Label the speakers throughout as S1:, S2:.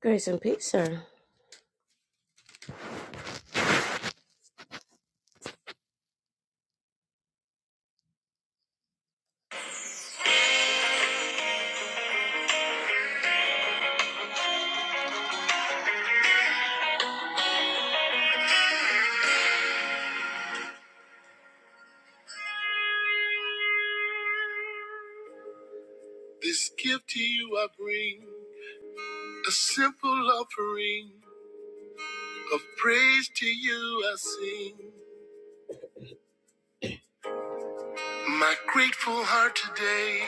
S1: Grace and peace, sir. This gift to you I bring, a simple offering of praise to you I sing. My grateful heart today,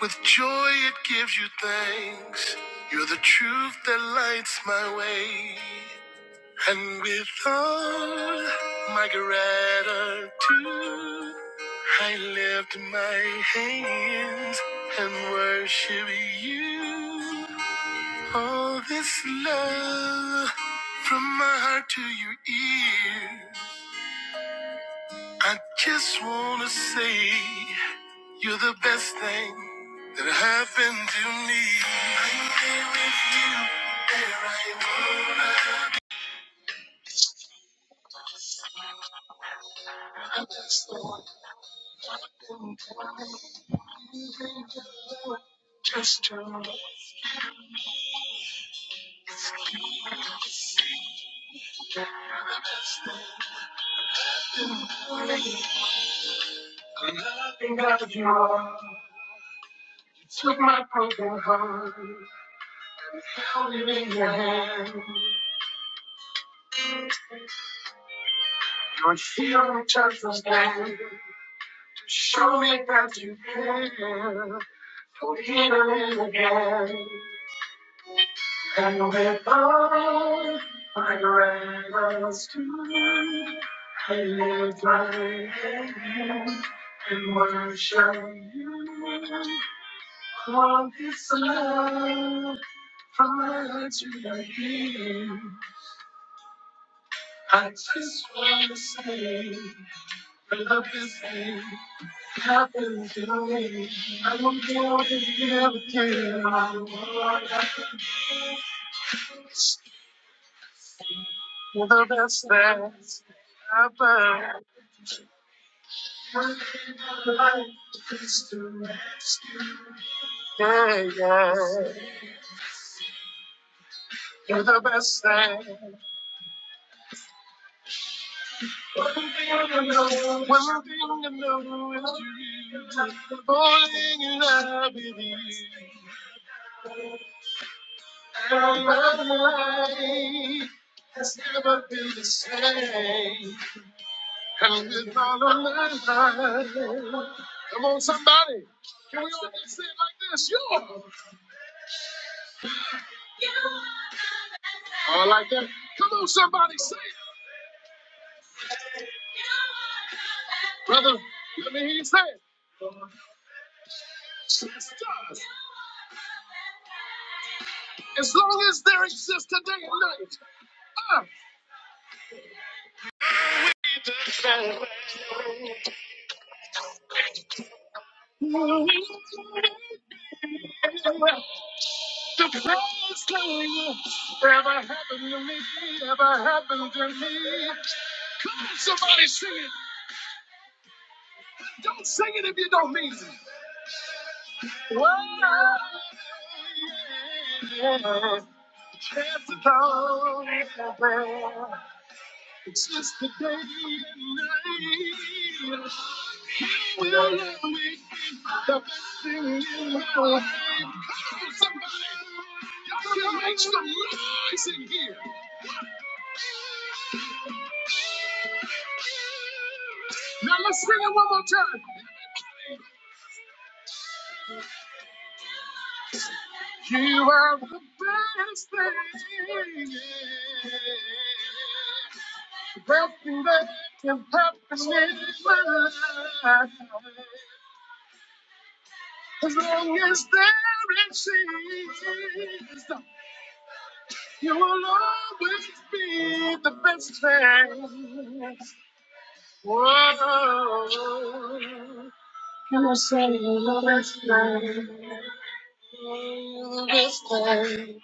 S1: with joy it gives you thanks. You're the truth that lights my way. And with all my gratitude, I lift my hands and worship you. All this love from my heart to your ear. I just wanna say you're the best thing that happened to me. I'm here with you where I would. I just want nothing to Just to make me of you all. Took my broken heart, held it in your hand. Your healing touch was there to show me that you care. You'll heal me again. And with all my gratitude, I lift my hand and worship you. From this love, from my heart to your healing, I just want to say, I love this name. Nothing to me. i don't care what you than levitating. I'm more than You're the best that's ever. Yeah, yeah. You're the best thing. One thing I know is you. Only you I believe. And my life has never been the same. And with all of my life. Come on, somebody. Can we all just say it like this? Yo! Or like that. Come on, somebody, say it. Brother, let me hear you say it. Jesus does. As long as there exists today and night. Ah. The praise king ever happened to me, ever happened to me. Come on, somebody sing it. Don't sing it if you don't mean it. Well, yeah, Cast it down, it's just the day and night. You will always be the best thing in my life. Come on, somebody. Y'all can make some noise in here. Now let's sing it one more time. You are the best thing yeah. the best thing that can happen in my life. As long as there is Jesus, you will always be the best thing. Whoa. Can I say the best thing? The best thing.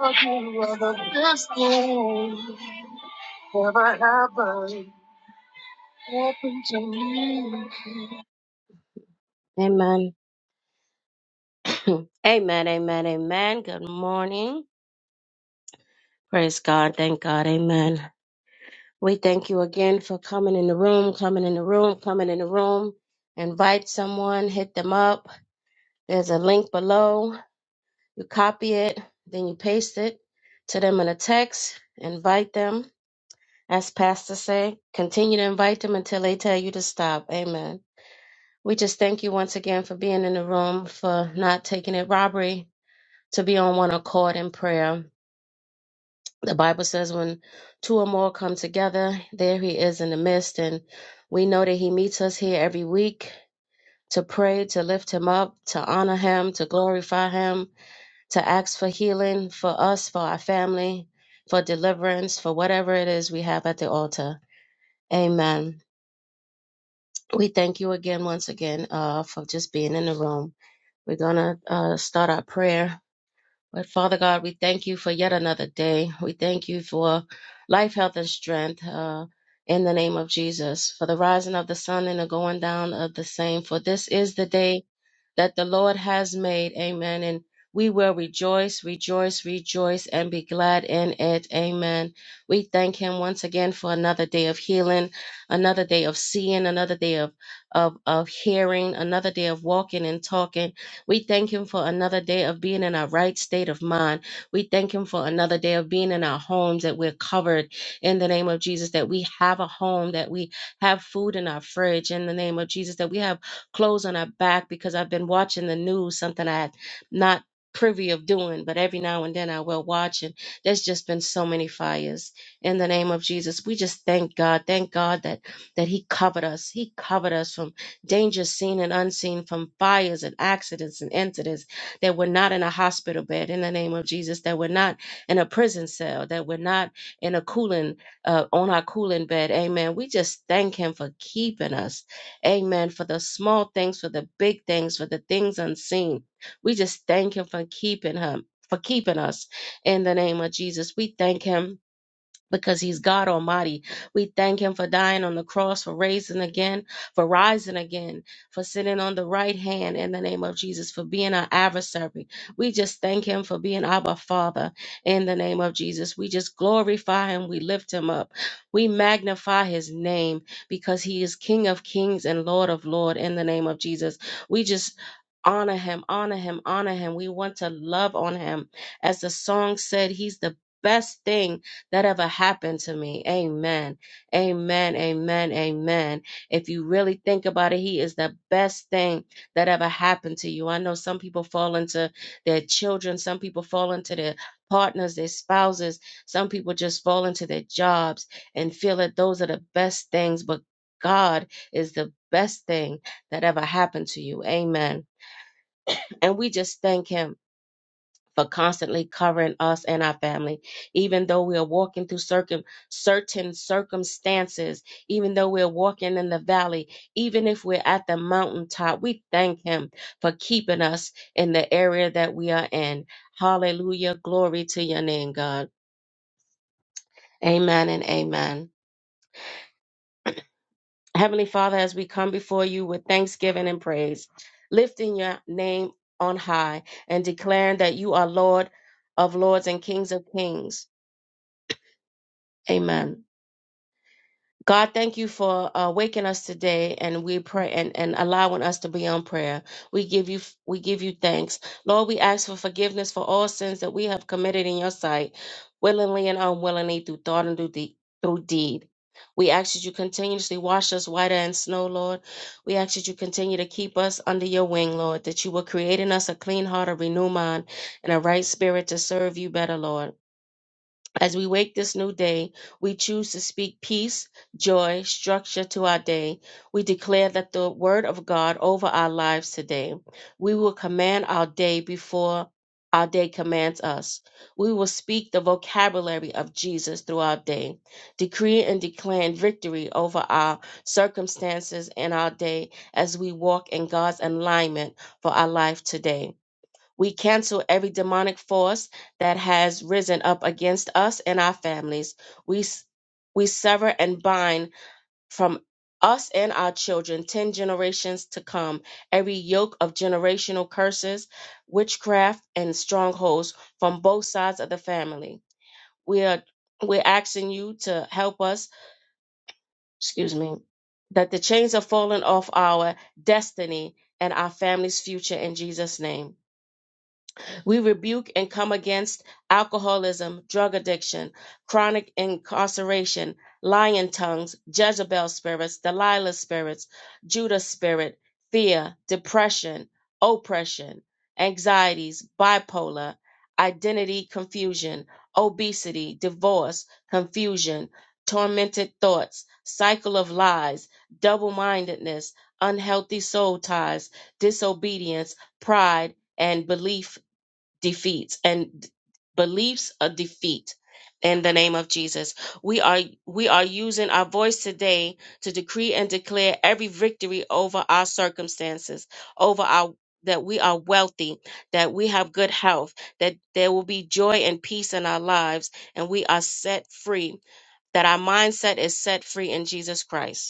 S1: You are the best thing ever happened, happened to me. Amen. amen. Amen. Amen. Good morning. Praise God. Thank God. Amen. We thank you again for coming in the room, coming in the room, coming in the room. Invite someone, hit them up. There's a link below. You copy it, then you paste it to them in a text. Invite them. as pastors say, continue to invite them until they tell you to stop. Amen. We just thank you once again for being in the room, for not taking it robbery, to be on one accord in prayer. The Bible says when two or more come together, there he is in the midst. And we know that he meets us here every week to pray, to lift him up, to honor him, to glorify him, to ask for healing for us, for our family, for deliverance, for whatever it is we have at the altar. Amen. We thank you again, once again, uh, for just being in the room. We're going to uh, start our prayer. But Father God, we thank you for yet another day. We thank you for life, health, and strength uh, in the name of Jesus, for the rising of the sun and the going down of the same. For this is the day that the Lord has made. Amen. And we will rejoice, rejoice, rejoice, and be glad in it. Amen. We thank Him once again for another day of healing, another day of seeing, another day of, of, of hearing, another day of walking and talking. We thank Him for another day of being in our right state of mind. We thank Him for another day of being in our homes, that we're covered in the name of Jesus, that we have a home, that we have food in our fridge in the name of Jesus, that we have clothes on our back because I've been watching the news, something I had not privy of doing, but every now and then I will watch and there's just been so many fires. In the name of Jesus, we just thank God. Thank God that that He covered us. He covered us from dangers seen and unseen, from fires and accidents and incidents, that we're not in a hospital bed in the name of Jesus, that we're not in a prison cell, that we're not in a cooling uh, on our cooling bed. Amen. We just thank him for keeping us. Amen. For the small things, for the big things, for the things unseen. We just thank him for keeping him, for keeping us in the name of Jesus. We thank him because he's God Almighty. We thank him for dying on the cross, for raising again, for rising again, for sitting on the right hand in the name of Jesus, for being our adversary. We just thank him for being our Father in the name of Jesus. We just glorify him. We lift him up. We magnify his name because he is King of kings and Lord of Lord in the name of Jesus. We just honor him, honor him, honor him. We want to love on him. As the song said, he's the best thing that ever happened to me. Amen. Amen. Amen. Amen. If you really think about it, he is the best thing that ever happened to you. I know some people fall into their children, some people fall into their partners, their spouses, some people just fall into their jobs and feel that those are the best things, but God is the best thing that ever happened to you. Amen. And we just thank him for constantly covering us and our family. Even though we are walking through circum, certain circumstances, even though we're walking in the valley, even if we're at the mountaintop, we thank Him for keeping us in the area that we are in. Hallelujah. Glory to your name, God. Amen and amen. Heavenly Father, as we come before you with thanksgiving and praise, lifting your name on high and declaring that you are Lord of lords and kings of kings. Amen. God, thank you for uh, waking us today, and we pray and, and allowing us to be on prayer. We give you we give you thanks, Lord. We ask for forgiveness for all sins that we have committed in your sight, willingly and unwillingly, through thought and through deed. Through deed. We ask that you continuously wash us whiter than snow, Lord. We ask that you continue to keep us under your wing, Lord. That you will create in us a clean heart, a renewed mind, and a right spirit to serve you better, Lord. As we wake this new day, we choose to speak peace, joy, structure to our day. We declare that the word of God over our lives today. We will command our day before our day commands us. We will speak the vocabulary of Jesus throughout day, decree and declaring victory over our circumstances and our day as we walk in God's alignment for our life today. We cancel every demonic force that has risen up against us and our families. We, s- we sever and bind from us and our children, 10 generations to come, every yoke of generational curses, witchcraft, and strongholds from both sides of the family. We are we're asking you to help us, excuse me, that the chains are falling off our destiny and our family's future in Jesus' name. We rebuke and come against alcoholism, drug addiction, chronic incarceration, lying tongues, Jezebel spirits, Delilah spirits, Judah spirit, fear, depression, oppression, anxieties, bipolar, identity confusion, obesity, divorce, confusion, tormented thoughts, cycle of lies, double mindedness, unhealthy soul ties, disobedience, pride, and belief defeats and beliefs of defeat in the name of Jesus. We are we are using our voice today to decree and declare every victory over our circumstances, over our that we are wealthy, that we have good health, that there will be joy and peace in our lives and we are set free, that our mindset is set free in Jesus Christ.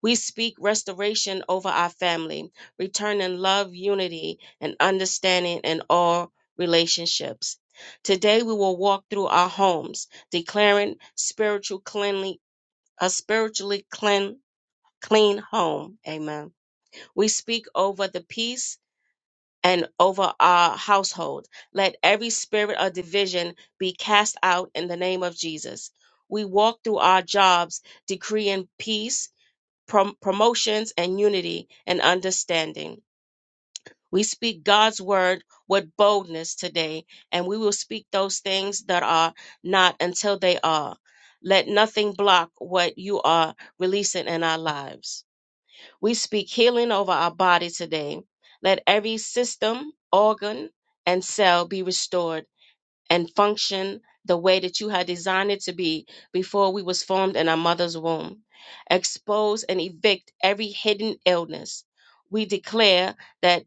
S1: We speak restoration over our family, returning love, unity, and understanding in all relationships. Today we will walk through our homes, declaring spiritual cleanly a spiritually clean clean home. Amen. We speak over the peace and over our household. Let every spirit of division be cast out in the name of Jesus. We walk through our jobs, decreeing peace prom- promotions and unity and understanding. We speak God's word with boldness today, and we will speak those things that are not until they are. Let nothing block what you are releasing in our lives. We speak healing over our body today. Let every system, organ, and cell be restored and function the way that you had designed it to be before we was formed in our mother's womb. Expose and evict every hidden illness. We declare that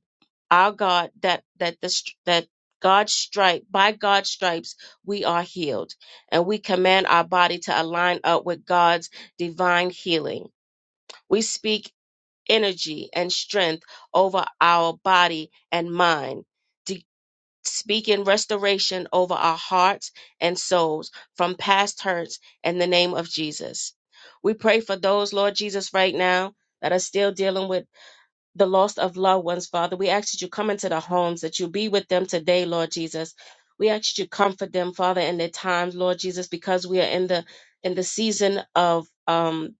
S1: our God that that the str- that God's stripe by God's stripes we are healed and we command our body to align up with God's divine healing. We speak energy and strength over our body and mind speaking restoration over our hearts and souls from past hurts in the name of Jesus. We pray for those, Lord Jesus, right now that are still dealing with the loss of loved ones, Father. We ask that you come into the homes, that you be with them today, Lord Jesus. We ask that you comfort them, Father, in their times, Lord Jesus, because we are in the in the season of um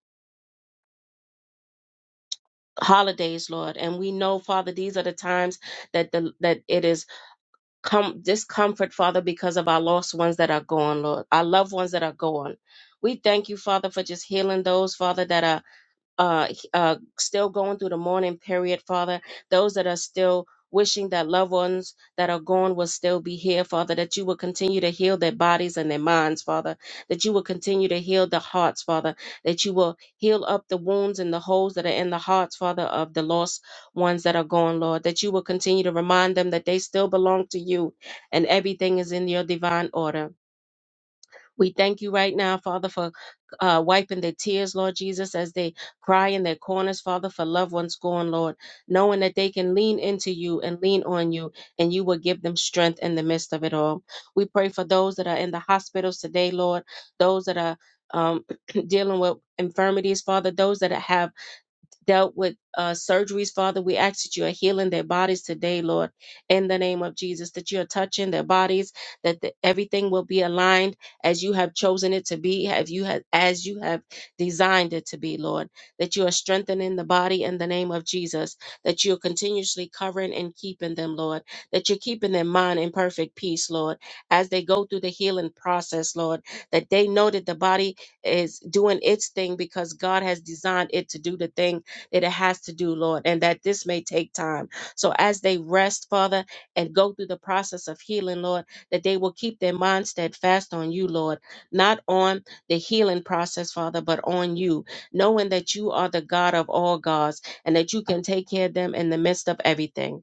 S1: holidays, Lord. And we know, Father, these are the times that the that it is. com- discomfort, Father, because of our lost ones that are gone, Lord, our loved ones that are gone. We thank you, Father, for just healing those, Father, that are uh, he- uh, still going through the mourning period, Father. Those that are still wishing that loved ones that are gone will still be here, Father, that you will continue to heal their bodies and their minds, Father, that you will continue to heal the hearts, Father, that you will heal up the wounds and the holes that are in the hearts, Father, of the lost ones that are gone, Lord, that you will continue to remind them that they still belong to you and everything is in your divine order. We thank you right now, Father, for uh, wiping their tears, Lord Jesus, as they cry in their corners, Father, for loved ones gone, Lord, knowing that they can lean into you and lean on you, and you will give them strength in the midst of it all. We pray for those that are in the hospitals today, Lord, those that are um, dealing with infirmities, Father, those that have dealt with uh, surgeries, Father. We ask that you are healing their bodies today, Lord, in the name of Jesus, that you are touching their bodies, that the, everything will be aligned as you have chosen it to be, have you have, as you have designed it to be, Lord, that you are strengthening the body in the name of Jesus, that you're continuously covering and keeping them, Lord, that you're keeping their mind in perfect peace, Lord, as they go through the healing process, Lord, that they know that the body is doing its thing because God has designed it to do the thing that it has to do, Lord, and that this may take time. So as they rest, Father, and go through the process of healing, Lord, that they will keep their mind steadfast on you, Lord, not on the healing process, Father, but on you, knowing that you are the God of all gods and that you can take care of them in the midst of everything.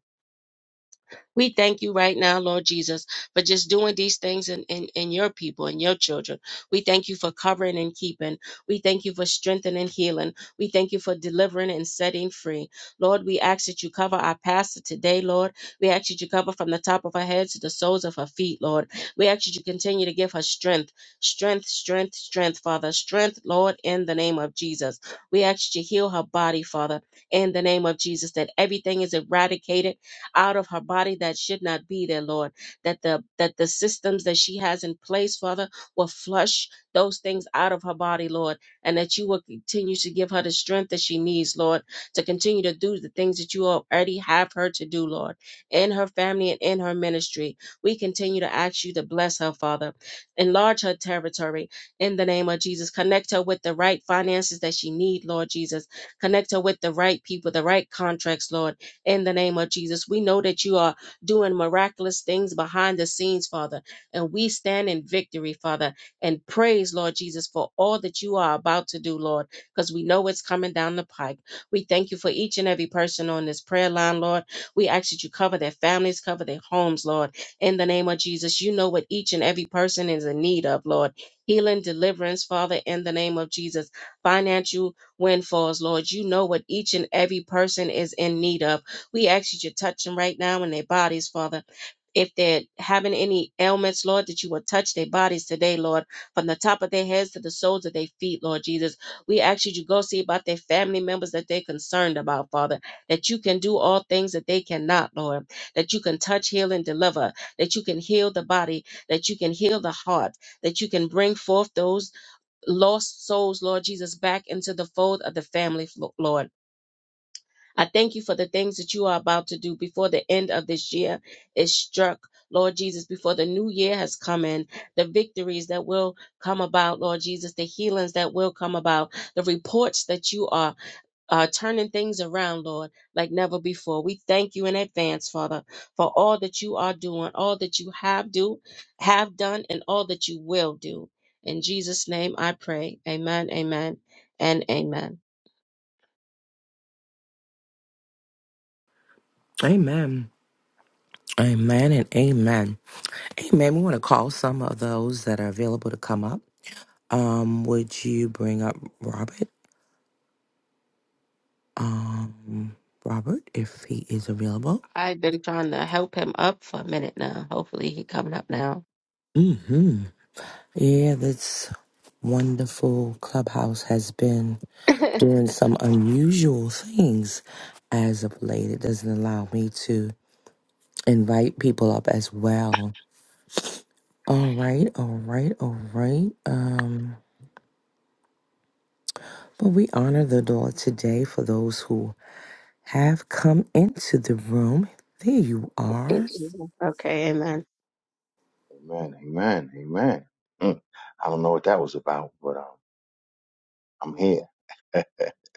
S1: We thank you right now, Lord Jesus, for just doing these things in, in, in your people and your children. We thank you for covering and keeping. We thank you for strengthening and healing. We thank you for delivering and setting free. Lord, we ask that you cover our pastor today, Lord. We ask that you cover from the top of her head to the soles of her feet, Lord. We ask that you continue to give her strength, strength, strength, strength, Father. Strength, Lord, in the name of Jesus. We ask that you heal her body, Father, in the name of Jesus, that everything is eradicated out of her body that should not be there, Lord. That the that the systems that she has in place, Father, will flush those things out of her body, Lord, and that you will continue to give her the strength that she needs, Lord, to continue to do the things that you already have her to do, Lord, in her family and in her ministry. We continue to ask you to bless her, Father. Enlarge her territory in the name of Jesus. Connect her with the right finances that she need, Lord Jesus. Connect her with the right people, the right contracts, Lord in the name of Jesus. We know that you are doing miraculous things behind the scenes, Father, and we stand in victory, Father, and praise, Lord Jesus, for all that you are about to do, Lord, because we know it's coming down the pike. We thank you for each and every person on this prayer line, Lord. We ask that you cover their families, cover their homes, Lord, in the name of Jesus. You know what each and every person is in need of, Lord. Healing, deliverance, Father, in the name of Jesus. Financial windfalls, Lord. You know what each and every person is in need of. We ask that you touch them right now in their bodies, Father. If they're having any ailments, Lord, that you will touch their bodies today, Lord, from the top of their heads to the soles of their feet, Lord Jesus. We ask you to go see about their family members that they're concerned about, Father, that you can do all things that they cannot, Lord, that you can touch, heal, and deliver, that you can heal the body, that you can heal the heart, that you can bring forth those lost souls, Lord Jesus, back into the fold of the family, Lord. I thank you for the things that you are about to do before the end of this year is struck. Lord Jesus, before the new year has come in, the victories that will come about, Lord Jesus, the healings that will come about, the reports that you are uh, turning things around, Lord, like never before. We thank you in advance, Father, for all that you are doing, all that you have do, have done, and all that you will do. In Jesus' name I pray. Amen, amen, and amen.
S2: Amen. Amen and amen. Amen. We want to call some of those that are available to come up. Um, would you bring up Robert? Um, Robert, if he is available.
S1: I've been trying to help him up for a minute now. Hopefully he coming up now.
S2: Mm-hmm. Yeah, this wonderful clubhouse has been doing some unusual things as of late. It doesn't allow me to invite people up as well. All right, all right, all right. Um, but we honor the Lord today for those who have come into the room. There you are.
S1: okay, amen.
S3: Amen. Amen. Amen. Mm. I don't know what that was about, but um, I'm here.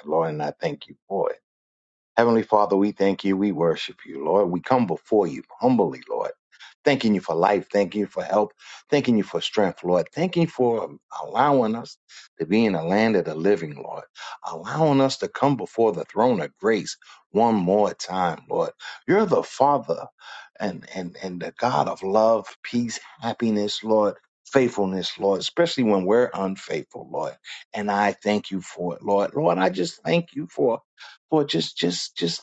S3: Lord, and I thank you for it. Heavenly Father, we thank you. We worship you, Lord. We come before you humbly, Lord. Thanking you for life. Thanking you for help. Thanking you for strength, Lord. Thanking you for allowing us to be in the land of the living, Lord. Allowing us to come before the throne of grace one more time, Lord. You're the Father and, and, and the God of love, peace, happiness, Lord. Faithfulness, Lord, especially when we're unfaithful, Lord. And I thank you for it, Lord. Lord, I just thank you for for just just just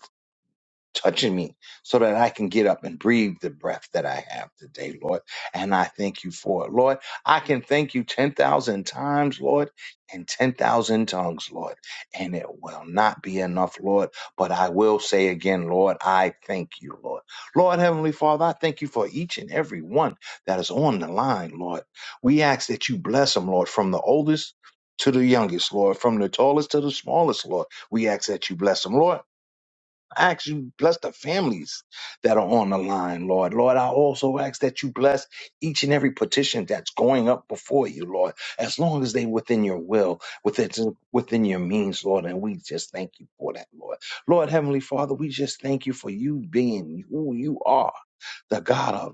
S3: touching me so that I can get up and breathe the breath that I have today, Lord. And I thank you for it, Lord. I can thank you 10,000 times, Lord, and 10,000 tongues, Lord. And it will not be enough, Lord. But I will say again, Lord, I thank you, Lord. Lord, Heavenly Father, I thank you for each and every one that is on the line, Lord. We ask that you bless them, Lord, from the oldest. To the youngest, Lord, from the tallest to the smallest, Lord. We ask that you bless them, Lord. I ask you bless the families that are on the line, Lord. Lord, I also ask that you bless each and every petition that's going up before you, Lord, as long as they within your will, within within your means, Lord. And we just thank you for that, Lord. Lord, Heavenly Father, we just thank you for you being who you are, the God of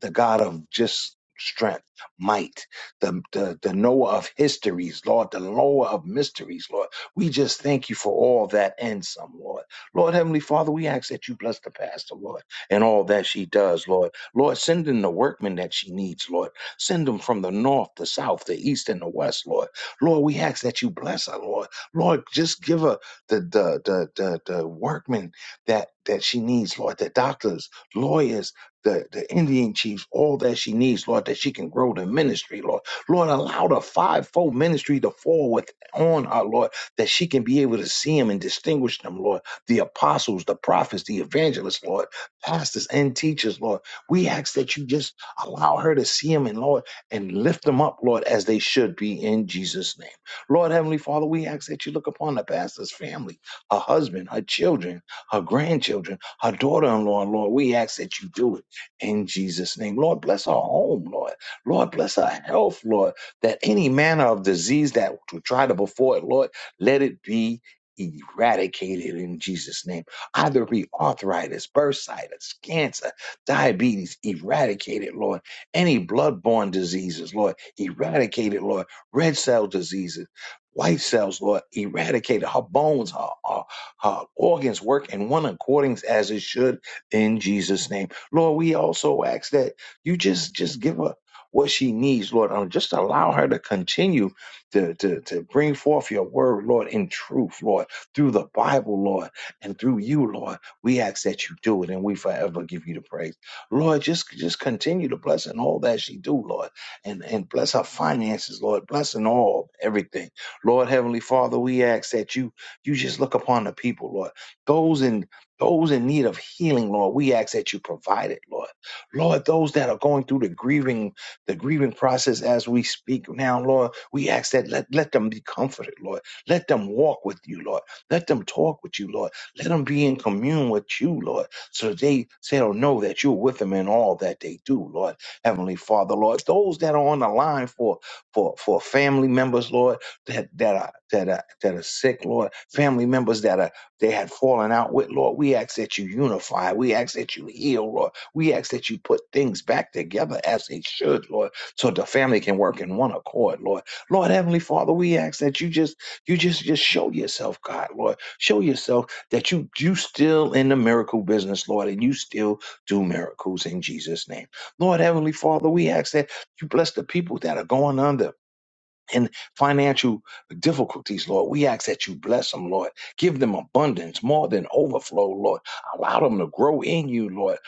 S3: the God of just strength, might, the, the, the knower of histories, Lord, the knower of mysteries, Lord. We just thank you for all that and some, Lord. Lord, Heavenly Father, we ask that you bless the pastor, Lord, and all that she does, Lord. Lord, send in the workmen that she needs, Lord. Send them from the north, the south, the east, and the west, Lord. Lord, we ask that you bless her, Lord. Lord, just give her the the the the, the workmen that that she needs, Lord, the doctors, lawyers, the, the Indian chiefs all that she needs, Lord, that she can grow the ministry, Lord. Lord, allow the fivefold ministry to fall with on her, Lord, that she can be able to see them and distinguish them, Lord. The apostles, the prophets, the evangelists, Lord, pastors and teachers, Lord. We ask that you just allow her to see them and Lord and lift them up, Lord, as they should be in Jesus' name. Lord Heavenly Father, we ask that you look upon the pastor's family, her husband, her children, her grandchildren, her daughter-in-law, Lord. We ask that you do it in Jesus' name. Lord, bless our home, Lord. Lord, bless our health, Lord, that any manner of disease that would try to before it, Lord, let it be eradicated in Jesus' name. Either be arthritis, bursitis, cancer, diabetes, eradicated, Lord. Any bloodborne diseases, Lord, eradicated, Lord. Red cell diseases. White cells, Lord, eradicated. Her bones, her, her, her organs work in one according as it should in Jesus' name. Lord, we also ask that you just just give her what she needs, Lord, and just allow her to continue to, to, to bring forth your word, Lord, in truth, Lord, through the Bible, Lord, and through you, Lord. We ask that you do it and we forever give you the praise. Lord, just just continue to bless and all that she do, Lord, and, and bless her finances, Lord, bless in all everything. Lord, Heavenly Father, we ask that you you just look upon the people, Lord. Those in those in need of healing, Lord, we ask that you provide it, Lord. Lord, those that are going through the grieving, the grieving process as we speak now, Lord, we ask that let, let them be comforted, Lord. Let them walk with you, Lord. Let them talk with you, Lord. Let them be in commune with you, Lord. So that they say or know that you're with them in all that they do, Lord. Heavenly Father, Lord. Those that are on the line for for for family members, Lord, that that are that are that are sick, Lord, family members that are they had fallen out with. Lord, we ask that you unify. We ask that you heal, Lord. We ask that you put things back together as they should, Lord, so the family can work in one accord, Lord. Lord, Heavenly Father, we ask that you just, you just, just show yourself, God, Lord. Show yourself that you, you still in the miracle business, Lord, and you still do miracles in Jesus' name. Lord, Heavenly Father, we ask that you bless the people that are going under in financial difficulties, Lord. We ask that you bless them, Lord. Give them abundance, more than overflow, Lord. Allow them to grow in you, Lord.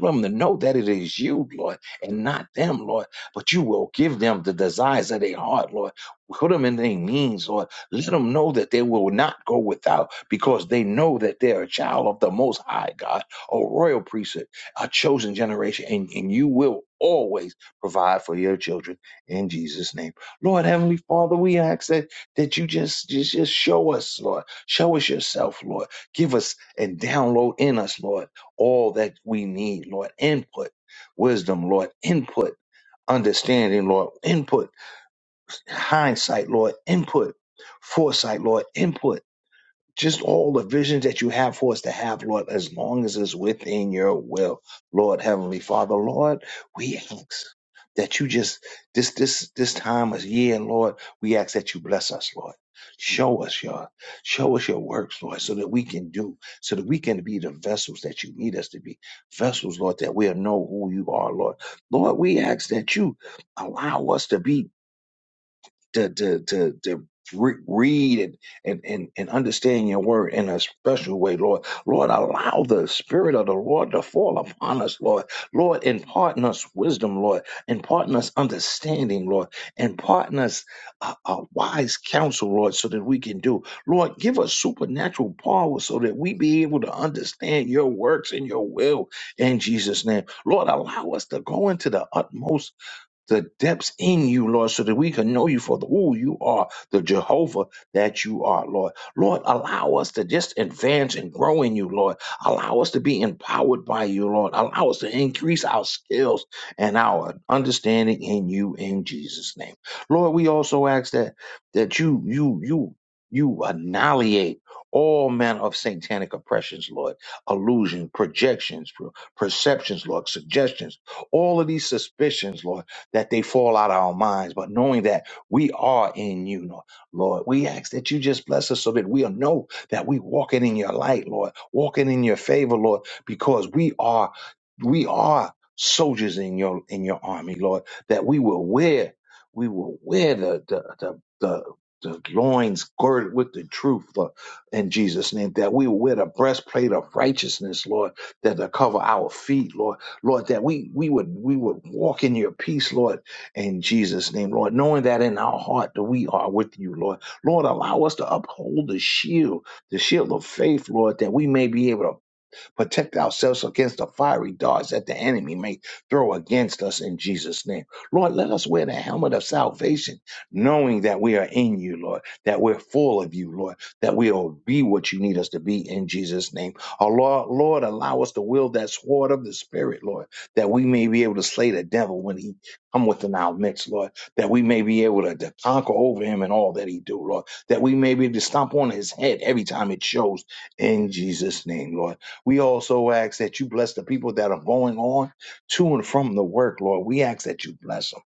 S3: Allow them to know that it is you, Lord, and not them, Lord. But you will give them the desires of their heart, Lord. Put them in their means, Lord. Let them know that they will not go without because they know that they're a child of the Most High God, a royal priesthood, a chosen generation, and, and you will always provide for your children. In Jesus' name. Lord Heavenly Father, we ask that, that you just, just just show us, Lord. Show us yourself, Lord. Give us and download in us, Lord, all that we need, Lord. Input, wisdom, Lord, input, understanding, Lord, input, hindsight, Lord, input, foresight, Lord, input just all the visions that you have for us to have, Lord, as long as it's within your will, Lord Heavenly Father, Lord, we ask that you just this this this time of year, Lord, we ask that you bless us, Lord. Show us your show us your works, Lord, so that we can do, so that we can be the vessels that you need us to be. Vessels, Lord, that we'll know who you are, Lord. Lord, we ask that you allow us to be to to to to re- read and, and and and understand your word in a special way, Lord. Lord, allow the spirit of the Lord to fall upon us, Lord. Lord, impart in us wisdom, Lord. Impart in us understanding, Lord. Impart in us a, a wise counsel, Lord, so that we can do. Lord, give us supernatural power so that we be able to understand your works and your will in Jesus' name. Lord, allow us to go into the utmost the depths in you, Lord, so that we can know you for the, who you are, the Jehovah that you are, Lord. Lord, allow us to just advance and grow in you, Lord. Allow us to be empowered by you, Lord. Allow us to increase our skills and our understanding in you in Jesus' name. Lord, we also ask that that you, you, you, you annihilate all manner of satanic oppressions, Lord, illusion, projections, per- perceptions, Lord, suggestions, all of these suspicions, Lord that they fall out of our minds, but knowing that we are in you, Lord. we ask that you just bless us so that we'll know that we walking in your light, Lord, walking in your favor, Lord, because we are, we are soldiers in your in your army, Lord, that we will wear, we will wear the the the, the the loins girded with the truth, Lord, in Jesus' name, that we will wear the breastplate of righteousness, Lord, that to cover our feet, Lord Lord, that we we would we would walk in your peace, Lord, in Jesus' name, Lord, knowing that in our heart that we are with you, Lord. Lord, allow us to uphold the shield, the shield of faith, Lord, that we may be able to Protect ourselves against the fiery darts that the enemy may throw against us in Jesus' name. Lord, let us wear the helmet of salvation, knowing that we are in you, Lord, that we're full of you, Lord, that we'll be what you need us to be in Jesus' name. Oh, Lord, Lord, allow us to wield that sword of the Spirit, Lord, that we may be able to slay the devil when he come within our midst, Lord, that we may be able to, to conquer over him and all that he do, Lord, that we may be able to stomp on his head every time it shows in Jesus' name, Lord. We also ask that you bless the people that are going on to and from the work, Lord. We ask that you bless them.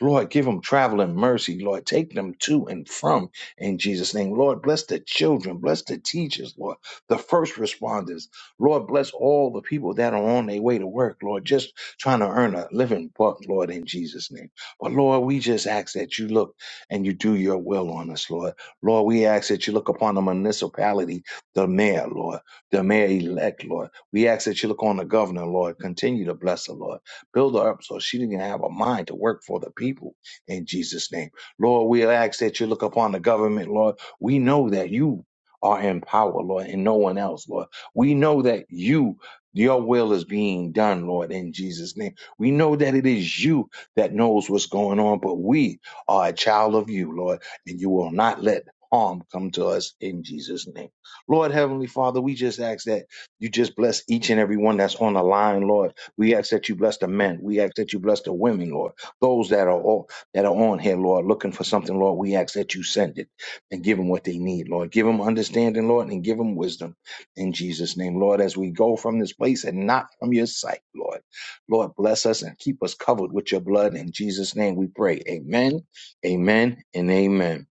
S3: Lord, give them traveling mercy. Lord, take them to and from in Jesus' name. Lord, bless the children. Bless the teachers, Lord. The first responders. Lord, bless all the people that are on their way to work, Lord, just trying to earn a living buck, Lord, in Jesus' name. But Lord, we just ask that you look and you do your will on us, Lord. Lord, we ask that you look upon the municipality, the mayor, Lord, the mayor elect, Lord. We ask that you look on the governor, Lord. Continue to bless her, Lord. Build her up so she can have a mind to work for the people in Jesus' name. Lord, we ask that you look upon the government, Lord. We know that you are in power, Lord, and no one else, Lord. We know that you, your will is being done, Lord, in Jesus' name. We know that it is you that knows what's going on, but we are a child of you, Lord, and you will not let harm come to us in Jesus' name. Lord, Heavenly Father, we just ask that you just bless each and every one that's on the line, Lord. We ask that you bless the men. We ask that you bless the women, Lord. Those that are all, that are on here, Lord, looking for something, Lord. We ask that you send it and give them what they need, Lord. Give them understanding, Lord, and give them wisdom in Jesus' name, Lord. As we go from this place and not from your sight, Lord. Lord, bless us and keep us covered with your blood. In Jesus' name, we pray. Amen. Amen and amen.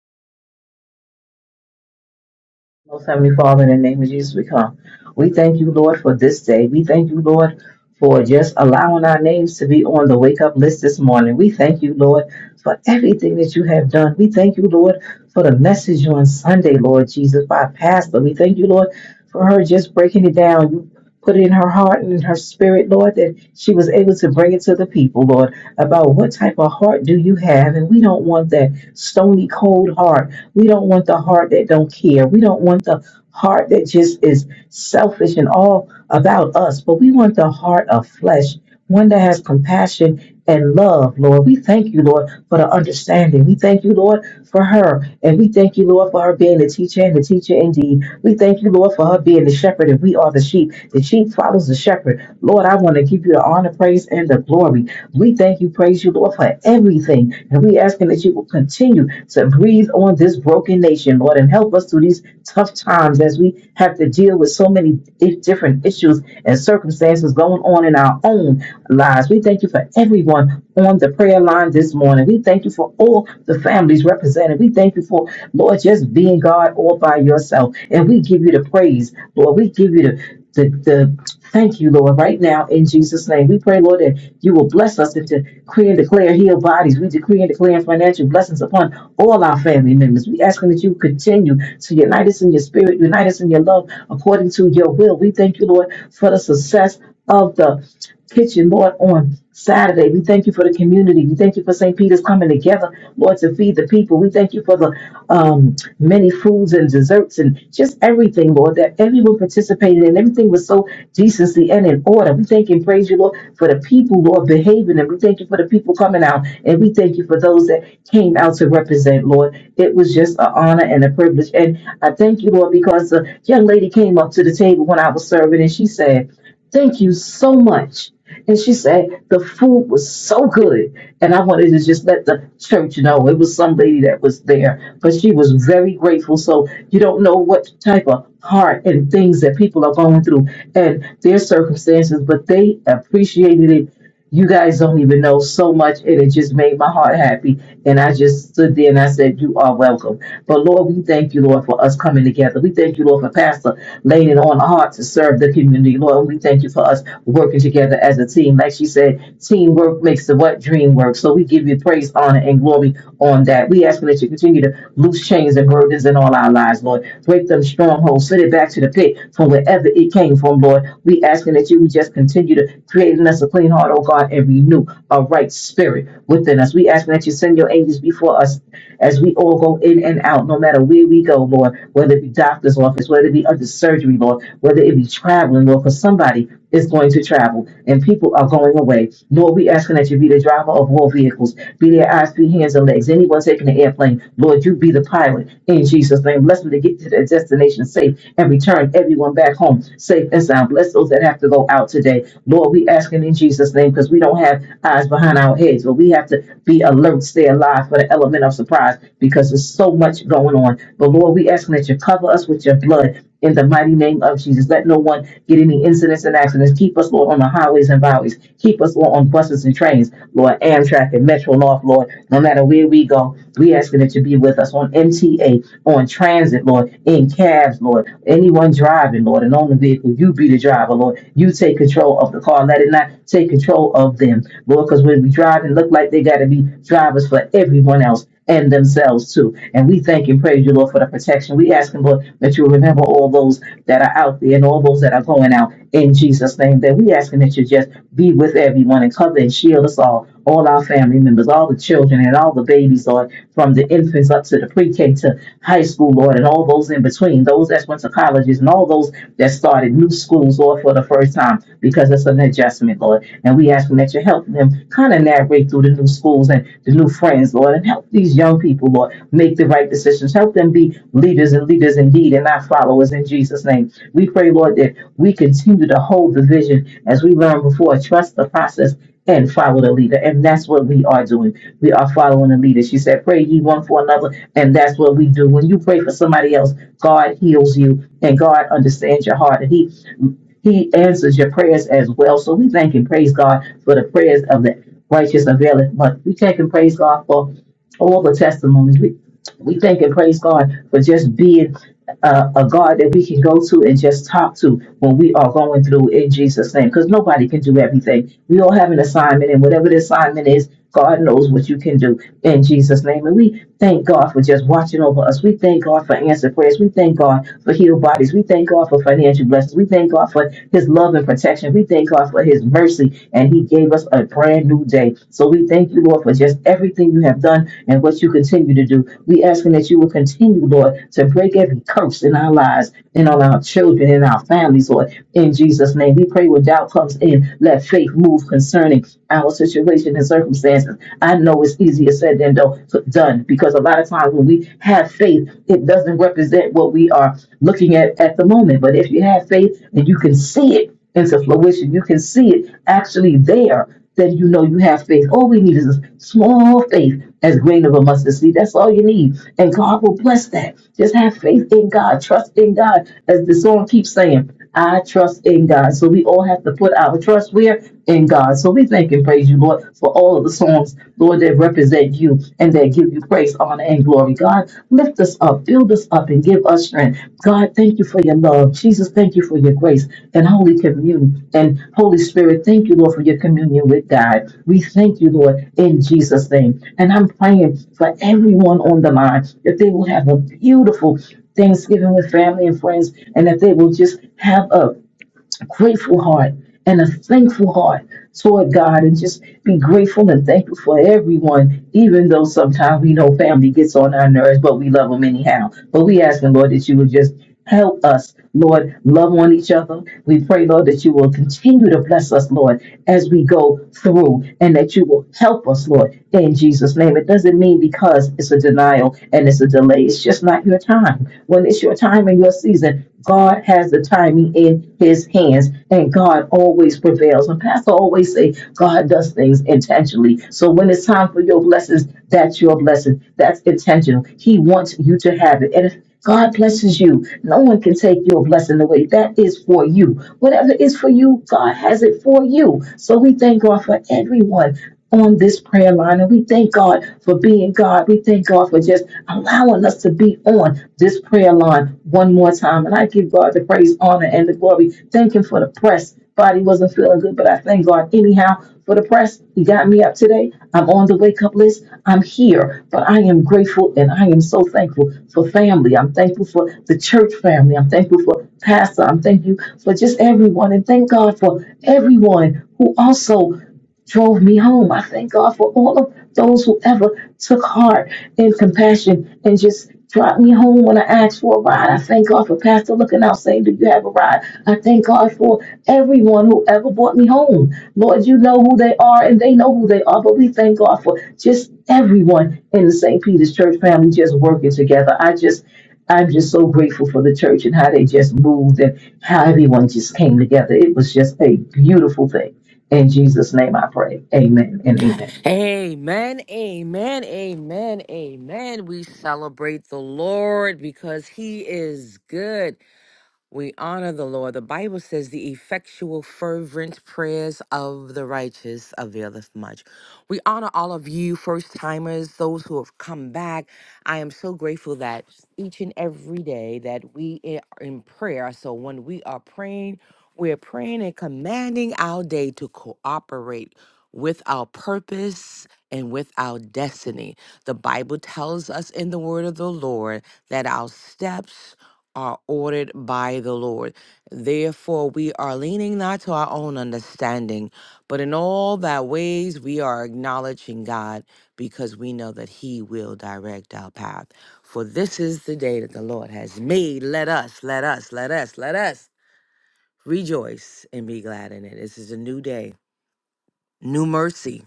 S4: Most Heavenly Father, in the name of Jesus, we come. We thank you, Lord, for this day. We thank you, Lord, for just allowing our names to be on the wake up list this morning. We thank you, Lord, for everything that you have done. We thank you, Lord, for the message on Sunday, Lord Jesus, by Pastor. We thank you, Lord, for her just breaking it down. You put it in her heart and in her spirit, Lord, that she was able to bring it to the people, Lord, about what type of heart do you have. And we don't want that stony, cold heart. We don't want the heart that don't care. We don't want the heart that just is selfish and all about us, but we want the heart of flesh, one that has compassion and love, Lord. We thank you, Lord, for the understanding. We thank you, Lord, for her. And we thank you, Lord, for her being the teacher and the teacher indeed. We thank you, Lord, for her being the shepherd and we are the sheep. The sheep follows the shepherd. Lord, I want to give you the honor, praise, and the glory. We thank you, praise you, Lord, for everything. And we asking that you will continue to breathe on this broken nation, Lord, and help us through these tough times as we have to deal with so many i- different issues and circumstances going on in our own lives lives. We thank you for everyone on the prayer line this morning. We thank you for all the families represented. We thank you for, Lord, just being God all by yourself. And we give you the praise, Lord. We give you the, the, the thank you, Lord, right now in Jesus' name. We pray, Lord, that you will bless us and decree and declare healed bodies. We decree and declare financial blessings upon all our family members. We asking that you continue to unite us in your spirit, unite us in your love according to your will. We thank you, Lord, for the success of the kitchen, Lord, on Saturday. We thank you for the community. We thank you for St. Peter's coming together, Lord, to feed the people. We thank you for the um, many foods and desserts and just everything, Lord, that everyone participated in. Everything was so decency and in order. We thank and praise you, Lord, for the people, Lord, behaving. And we thank you for the people coming out. And we thank you for those that came out to represent, Lord. It was just an honor and a privilege. And I thank you, Lord, because the young lady came up to the table when I was serving and she said, Thank you so much. And she said the food was so good. And I wanted to just let the church know it was some lady that was there, but she was very grateful. So you don't know what type of heart and things that people are going through and their circumstances, but they appreciated it you guys don't even know so much, and it just made my heart happy. And I just stood there and I said, You are welcome. But Lord, we thank you, Lord, for us coming together. We thank you, Lord, for Pastor laying it on the heart to serve the community. Lord, And we thank you for us working together as a team. Like she said, teamwork makes the what dream work. So we give you praise, honor, and glory on that. We ask that you continue to loose chains and burdens in all our lives, Lord. Break them strongholds, send it back to the pit from wherever it came from, Lord. We asking that you just just continue to create in us a clean heart, oh God, and renew a right spirit within us. We ask that you send your angels before us as we all go in and out, no matter where we go, Lord, whether it be doctor's office, whether it be under surgery, Lord, whether it be traveling, Lord, because somebody is going to travel and people are going away. Lord, we asking that you be the driver of all vehicles, be their eyes, be hands, and legs. Anyone taking the airplane, Lord, you be the pilot in Jesus' name. Bless them to get to their destination safe and return everyone back home home safe and sound. Bless those that have to go out today. Lord, we asking in Jesus' name because we don't have eyes behind our heads, but we have to be alert, stay alive for the element of surprise because there's so much going on. But Lord, we asking that you cover us with your blood in the mighty name of Jesus. Let no one get any incidents and accidents. Keep us, Lord, on the highways and byways. Keep us, Lord, on buses and trains, Lord, Amtrak and Metro North, Lord. No matter where we go, we asking that you be with us on MTA, on transit, Lord, in cab paths, Lord. Anyone driving, Lord, and on the vehicle, you be the driver, Lord. You take control of the car. Let it not take control of them, Lord, because when we drive and look like they got to be drivers for everyone else and themselves too. And we thank and praise you, Lord, for the protection. We ask, and Lord, that you remember all those that are out there and all those that are going out in Jesus' name. That we asking that you just be with everyone and cover and shield us all, all our family members, all the children and all the babies, Lord, from the infants up to the pre-K to high school, Lord, and all those in between, those that went to colleges and all those that started new schools, Lord, for the first time, because it's an adjustment, Lord. And we ask them that you help them kind of navigate through the new schools and the new friends, Lord, and help these young people, Lord, make the right decisions. Help them be leaders and leaders indeed and not followers in Jesus' name. We pray, Lord, that we continue to hold the vision as we learned before, trust the process and follow the leader. And that's what we are doing. We are following the leader. She said, Pray ye one for another. And that's what we do. When you pray for somebody else, God heals you and God understands your heart. And He He answers your prayers as well. So we thank and praise God for the prayers of the righteous availeth much. We thank and praise God for all the testimonies. We. We thank and praise God for just being uh, a God that we can go to and just talk to when we are going through in Jesus' name. Because nobody can do everything. We all have an assignment, and whatever the assignment is, God knows what you can do in Jesus' name. And we thank God for just watching over us. We thank God for answered prayers. We thank God for healed bodies. We thank God for financial blessings. We thank God for His love and protection. We thank God for His mercy and He gave us a brand new day. So we thank you, Lord, for just everything you have done and what you continue to do. We asking that you will continue, Lord, to break every curse in our lives and on our children and our families, Lord. In Jesus' name, we pray when doubt comes in, let faith move concerning our situation and circumstances. I know it's easier said than do- done because a lot of times when we have faith, it doesn't represent what we are looking at at the moment. But if you have faith and you can see it, into fruition. You can see it actually there. Then you know you have faith. All we need is a small faith, as grain of a mustard seed. That's all you need, and God will bless that. Just have faith in God, trust in God, as the song keeps saying. I trust in God. So we all have to put our trust where in God. So we thank and praise you, Lord, for all of the songs, Lord, that represent you and that give give you praise, honor, and glory. God, lift us up, build us up, and give us strength. God, thank you for your love. Jesus, thank you for your grace and Holy Communion. And Holy Spirit, thank you, Lord, for your communion with God. We thank you, Lord, in Jesus' name. And I'm praying for everyone on the line that they will have a beautiful Thanksgiving with family and friends, and that they will just have a grateful heart and a thankful heart toward God and just be grateful and thankful for everyone, even though sometimes we know family gets on our nerves, but we love them anyhow. But we ask them, Lord, that you would just help us, Lord, love on each other. We pray, Lord, that you will continue to bless us, Lord, as we go through and that you will help us, Lord, in Jesus' name. It doesn't mean because it's a denial and it's a delay. It's just not your time. When it's your time and your season, God has the timing in his hands and God always prevails. And Pastor always say, God does things intentionally. So when it's time for your blessings, that's your blessing. That's intentional. He wants you to have it. And if God blesses you, no one can take your blessing away. That is for you. Whatever is for you, God has it for you. So we thank God for everyone on this prayer line. And we thank God for being God. We thank God for just allowing us to be on this prayer line one more time. And I give God the praise, honor, and the glory. Thank Him for the press. Body wasn't feeling good, but I thank God anyhow for the press. He got me up today. I'm on the wake up list. I'm here, but I am grateful and I am so thankful for family. I'm thankful for the church family. I'm thankful for Pastor. I'm thankful for just everyone. And thank God for everyone who also drove me home. I thank God for all of those who ever took heart in compassion and just dropped me home when I asked for a ride. I thank God for Pastor looking out saying, Do you have a ride? I thank God for everyone who ever brought me home. Lord, you know who they are and they know who they are, but we thank God for just everyone in the St. Peter's Church family just working together. I just I'm just so grateful for the church and how they just moved and how everyone just came together. It was just a beautiful thing. In Jesus' name I pray. Amen and amen.
S2: Amen, amen, amen, amen. We celebrate the Lord because he is good. We honor the Lord. The Bible says the effectual, fervent prayers of the righteous availeth much. We honor all of you, first timers, those who have come back. I am so grateful that each and every day that we are in prayer. So when we are praying, we're praying and commanding our day to cooperate with our purpose and with our destiny. The Bible tells us in the word of the Lord that our steps are ordered by the Lord. Therefore, we are leaning not to our own understanding, but in all that ways we are acknowledging God because we know that He will direct our path. For this is the day that the Lord has made. Let us, let us, let us, let us rejoice and be glad in it. This is a new day, new mercy.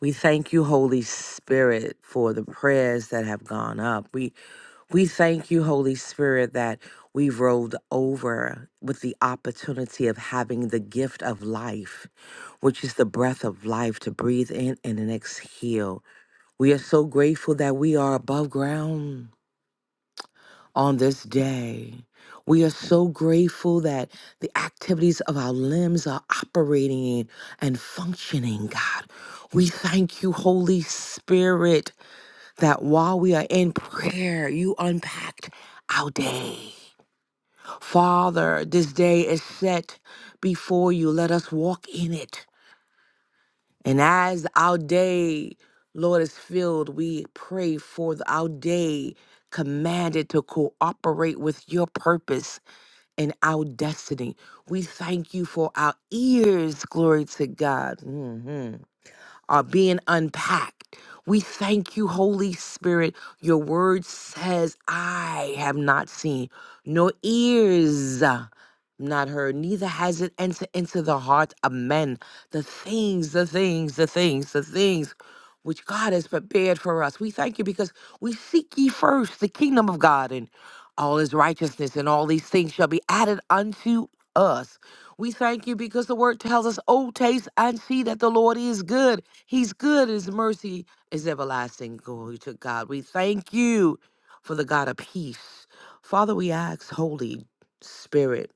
S2: We thank you, Holy Spirit, for the prayers that have gone up. We. We thank you, Holy Spirit, that we've rolled over with the opportunity of having the gift of life, which is the breath of life to breathe in and then exhale. We are so grateful that we are above ground on this day. We are so grateful that the activities of our limbs are operating and functioning, God. We thank you, Holy Spirit that while we are in prayer, you unpacked our day. Father, this day is set before you. Let us walk in it. And as our day, Lord, is filled, we pray for the- our day commanded to cooperate with your purpose and our destiny. We thank you for our ears, glory to God. Mm-hmm are being unpacked. We thank you, Holy Spirit. Your word says, I have not seen, nor ears uh, not heard, neither has it entered into the heart of men. The things, the things, the things, the things which God has prepared for us. We thank you because we seek ye first the kingdom of God and all his righteousness, and all these things shall be added unto us. We thank you because the word tells us, Oh, taste and see that the Lord is good. He's good. His mercy is everlasting. Glory to God. We thank you for the God of peace. Father, we ask, Holy Spirit,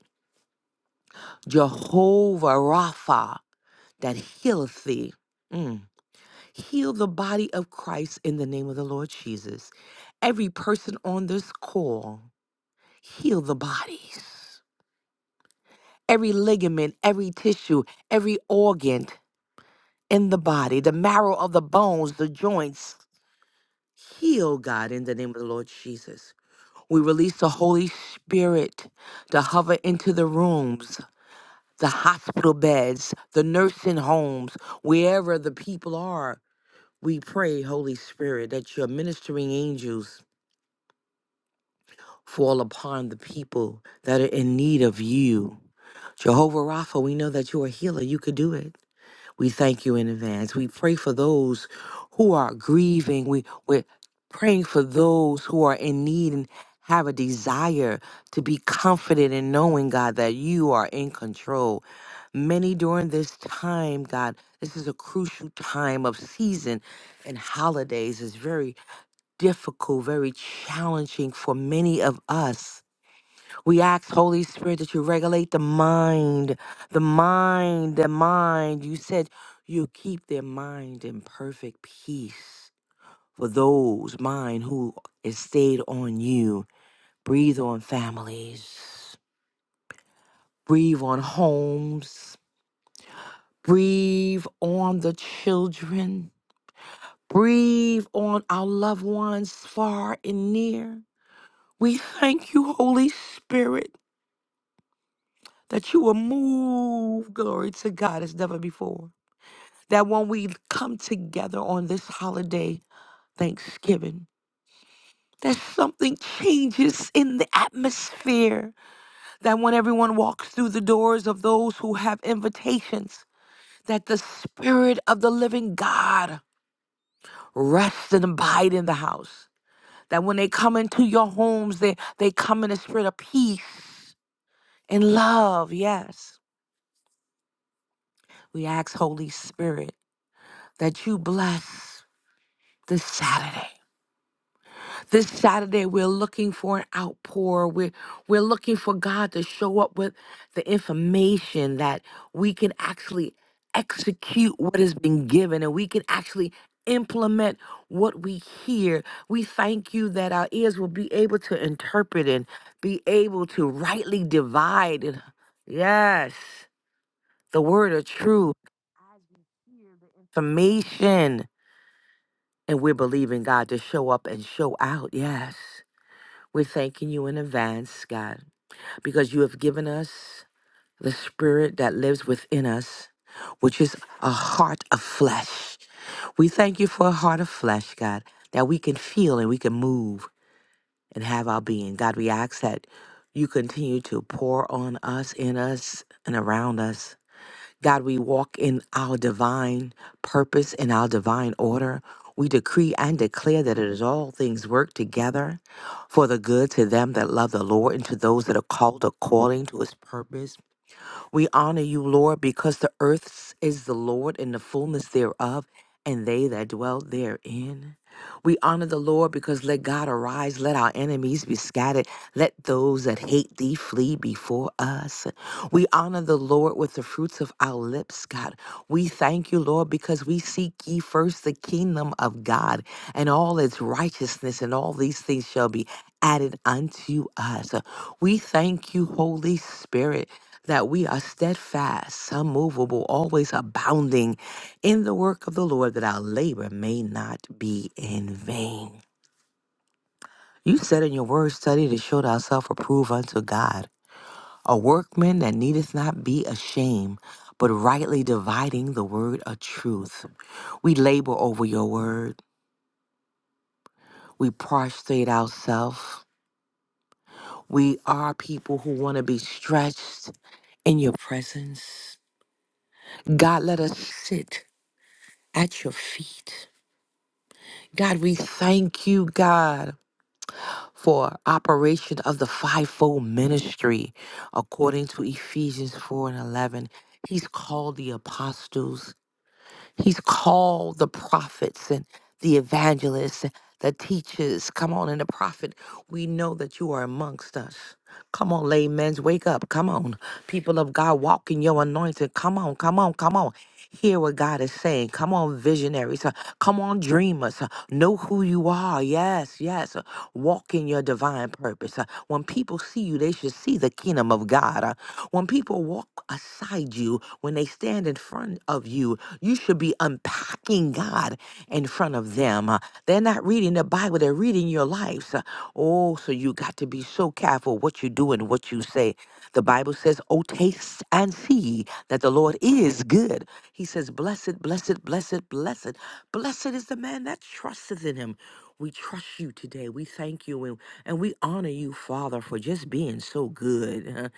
S2: Jehovah Rapha, that healeth thee. Mm. Heal the body of Christ in the name of the Lord Jesus. Every person on this call, heal the bodies. Every ligament, every tissue, every organ in the body, the marrow of the bones, the joints, Heal, God, in the name of the Lord Jesus. We release the Holy Spirit to hover into the rooms, the hospital beds, the nursing homes, wherever the people are. We pray, Holy Spirit, that your ministering angels fall upon the people that are in need of you. Jehovah Rapha, we know that you're a healer. You could do it. We thank you in advance. We pray for those who are grieving. We, we're praying for those who are in need and have a desire to be confident in knowing, God, that you are in control. Many during this time, God, this is a crucial time of season and holidays is very difficult, very challenging for many of us we ask, Holy Spirit, that you regulate the mind, the mind, the mind. You said you keep their mind in perfect peace for those, mine, who is stayed on you. Breathe on families, breathe on homes, breathe on the children, breathe on our loved ones far and near. We thank you, Holy Spirit, that you will move, glory to God, as never before. that when we come together on this holiday, Thanksgiving, that something changes in the atmosphere. That when everyone walks through the doors of those who have invitations, that the Spirit of the living God rests and abide in the house. That when they come into your homes, they, they come in a spirit of peace and love. Yes. We ask, Holy Spirit, that you bless this Saturday This Saturday, we're looking for an outpour. We're, we're looking for God to show up with the information that we can actually execute what has been given and we can actually implement what we hear. We thank you that our ears will be able to interpret and be able to rightly divide. And yes, the word of truth. As we hear the information, and we're believing God to show up and show out. Yes. We're thanking you in advance, God, because you have given us the spirit that lives within us, which is a heart of flesh. We thank you for a heart of flesh, God, that we can feel and we can move and have our being. God, we ask that you continue to pour on us, in us, and around us God, we walk in our divine purpose and our divine order. We decree and declare that it is all things work together for the good to them that love the Lord and to those that are called according to his purpose. We honor you, Lord, because the earth is the Lord and the fullness thereof, and they that dwell therein. We honor the Lord because let God arise, let our enemies be scattered, let those that hate thee flee before us. We honor the Lord with the fruits of our lips, God. We thank you, Lord, because we seek ye first the kingdom of God and all its righteousness, and all these things shall be added unto us. We thank you, Holy Spirit that we are steadfast, unmovable, always abounding in the work of the Lord, that our labor may not be in vain. You said in your word study to show thyself approved unto God, a workman that needeth not be ashamed, but rightly dividing the word of truth. We labor over your word. We prostrate ourselves. We are people who want to be stretched in your presence. God, let us sit at your feet God, we thank you, God, for operation of the fivefold ministry according to Ephesians 4 and 11. He's called the apostles, he's called the prophets and the evangelists, the teachers. Come on, and the prophet, we know that you are amongst us. Come on, laymen's, wake up. Come on, people of God, walk in your anointing. Come on, come on, come on. Hear what God is saying. Come on, visionaries. Uh, Come on, dreamers. Uh, Know who you are. Yes, yes. Uh, Walk in your divine purpose. Uh, When people see you, they should see the kingdom of God. Uh, When people walk aside you, when they stand in front of you, you should be unpacking God in front of them. Uh, They're not reading the Bible, they're reading your lives. Uh, Oh, so you got to be so careful what you do and what you say. The Bible says, Oh, taste and see that the Lord is good. He says, Blessed, blessed, blessed, blessed. Blessed is the man that trusteth in him. We trust you today. We thank you and, and we honor you, Father, for just being so good. huh?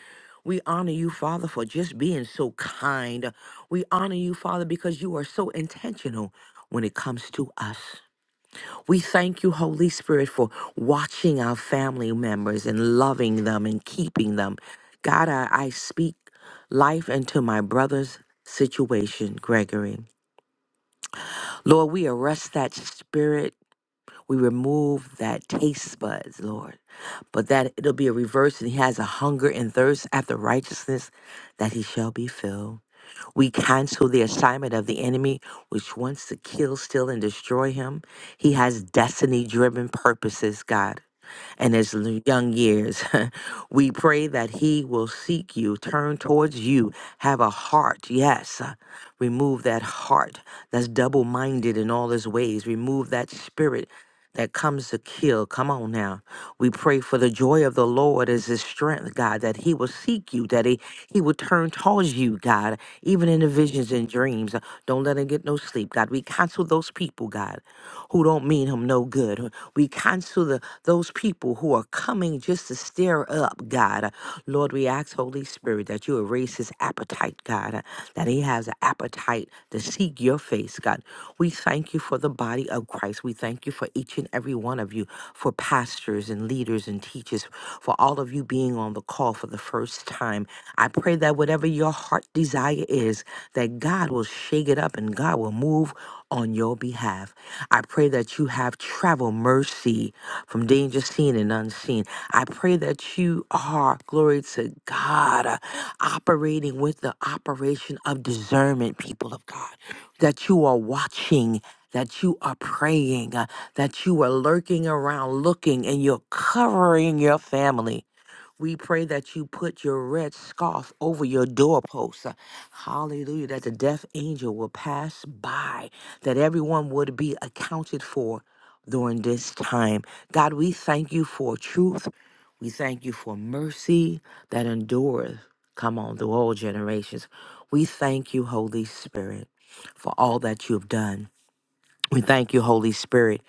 S2: We honor you, Father, for just being so kind. We honor you, Father, because you are so intentional when it comes to us. We thank you, Holy Spirit, for watching our family members and loving them and keeping them. God, I, I speak life into my brother's situation, Gregory. Lord, we arrest that spirit we remove that taste buds, Lord. But that it'll be a reverse and he has a hunger and thirst after righteousness that he shall be filled. We cancel the assignment of the enemy, which wants to kill, steal, and destroy him. He has destiny driven purposes, God. And his l- young years, we pray that he will seek you, turn towards you, have a heart. Yes, uh, remove that heart that's double minded in all his ways. Remove that spirit that comes to kill. Come on now. We pray for the joy of the Lord as his strength, God, that he will seek you, that he, he will turn towards you, God, even in the visions and dreams. Don't let him get no sleep, God. We cancel those people, God, who don't mean him no good. We cancel the, those people who are coming just to stir up, God. Lord, we ask, Holy Spirit, that you erase his appetite, God, that he has an appetite to seek your face, God. We thank you you for the body of Christ. We thank you for each and every one of you, for pastors and leaders and teachers, for all of you being on the call for the first time. I pray that whatever your heart desire is, that God will shake it up and God will move on your behalf. I pray that you have travel mercy from danger seen and unseen. I pray that you are, glory to God, uh, operating with the operation of discernment, people of God that you are watching, that you are praying, uh, that you are lurking around looking and you're covering your family. We pray that you put your red scarf over your doorposts. uh, Hallelujah. That the death angel will pass by, that everyone would be accounted for during this time. God, we thank you for truth. We thank you for mercy that endureth. Come on, through all generations. We thank you, Holy Spirit, for all that you've done. We thank you, Holy Spirit,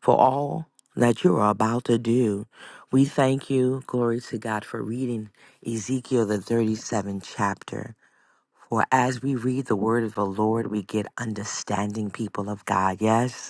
S2: for all that you are about to do. We thank you, glory to God, for reading Ezekiel, the 37th chapter. For as we read the word of the Lord, we get understanding, people of God. Yes.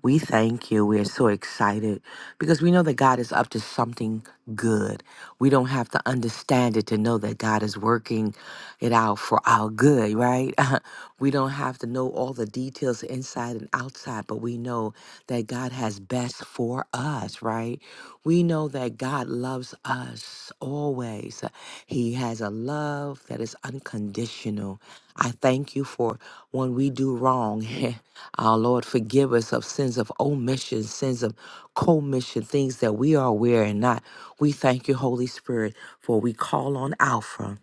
S2: We thank you. We are so excited because we know that God is up to something good. We don't have to understand it to know that God is working it out for our good, right? we don't have to know all the details inside and outside, but we know that God has best for us, right? We know that God loves us always. He has a love that is unconditional. I thank you for when we do wrong. Our Lord, forgive us of sins of omission, sins of commission, things that we are aware and not. We thank you, Holy Spirit, for we call on Alpha,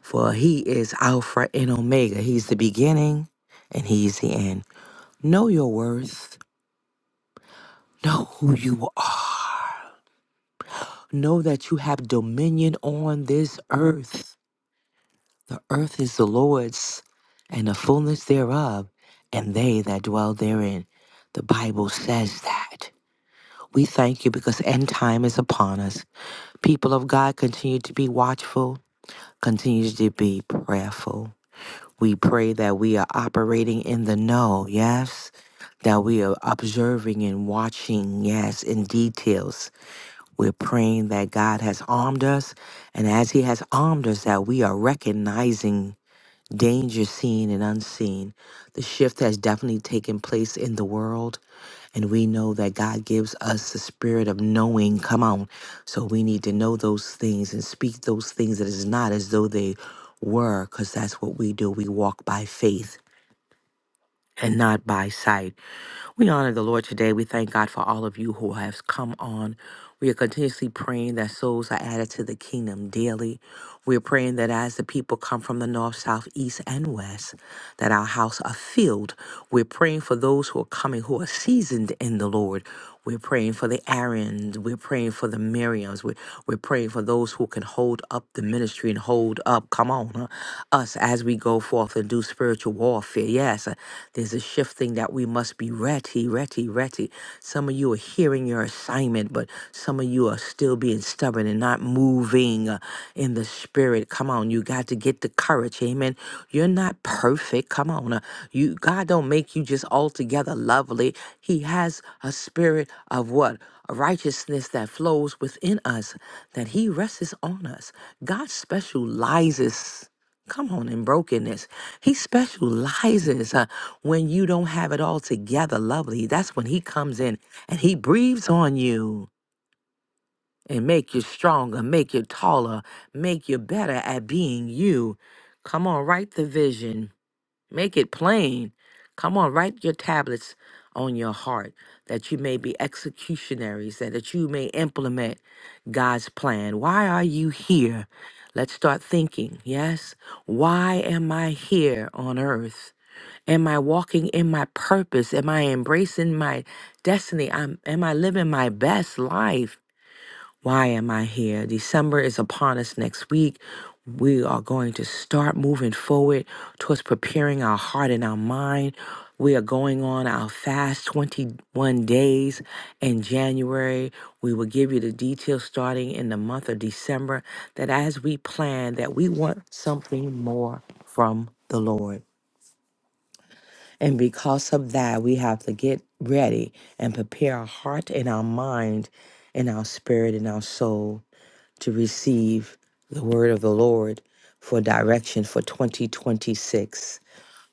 S2: for He is Alpha and Omega. He's the beginning and He's the end. Know your worth, know who you are, know that you have dominion on this earth. The earth is the Lord's and the fullness thereof, and they that dwell therein. The Bible says that. We thank you because end time is upon us. People of God, continue to be watchful, continue to be prayerful. We pray that we are operating in the know, yes, that we are observing and watching, yes, in details. We're praying that God has armed us, and as He has armed us, that we are recognizing danger seen and unseen. The shift has definitely taken place in the world and we know that God gives us the spirit of knowing. Come on. So we need to know those things and speak those things that is not as though they were, because that's what we do. We walk by faith and not by sight. We honor the Lord today. We thank God for all of you who have come on. We are continuously praying that souls are added to the kingdom daily. We are praying that as the people come from the north, south, east, and west, that our house are filled. We're praying for those who are coming who are seasoned in the Lord. We're praying for the Aarons. We're praying for the Miriams. We're, we're praying for those who can hold up the ministry and hold up, come on, uh, us as we go forth and do spiritual warfare. Yes, uh, there's a shifting that we must be ready, ready, ready. Some of you are hearing your assignment, but some of you are still being stubborn and and not moving uh, in the spirit. Come on, you got to get the courage. Amen. You're not perfect. Come on. uh, You God don't make you just altogether lovely. He has a spirit of what? A righteousness that flows within us, that He rests on us. God specializes. Come on, in brokenness. He specializes uh, when you don't have it all together, lovely. That's when He comes in and He breathes on you and make you stronger, make you taller, make you better at being you. Come on, write the vision, make it plain. Come on, write your tablets on your heart that you may be executionaries, that, that you may implement God's plan. Why are you here? Let's start thinking, yes? Why am I here on earth? Am I walking in my purpose? Am I embracing my destiny? I'm, am I living my best life? Why am I here? December is upon us next week. We are going to start moving forward towards preparing our heart and our mind. We are going on our fast 21 days in January. We will give you the details starting in the month of December that as we plan that we want something more from the Lord. And because of that, we have to get ready and prepare our heart and our mind and our spirit and our soul to receive the word of the Lord for direction for 2026.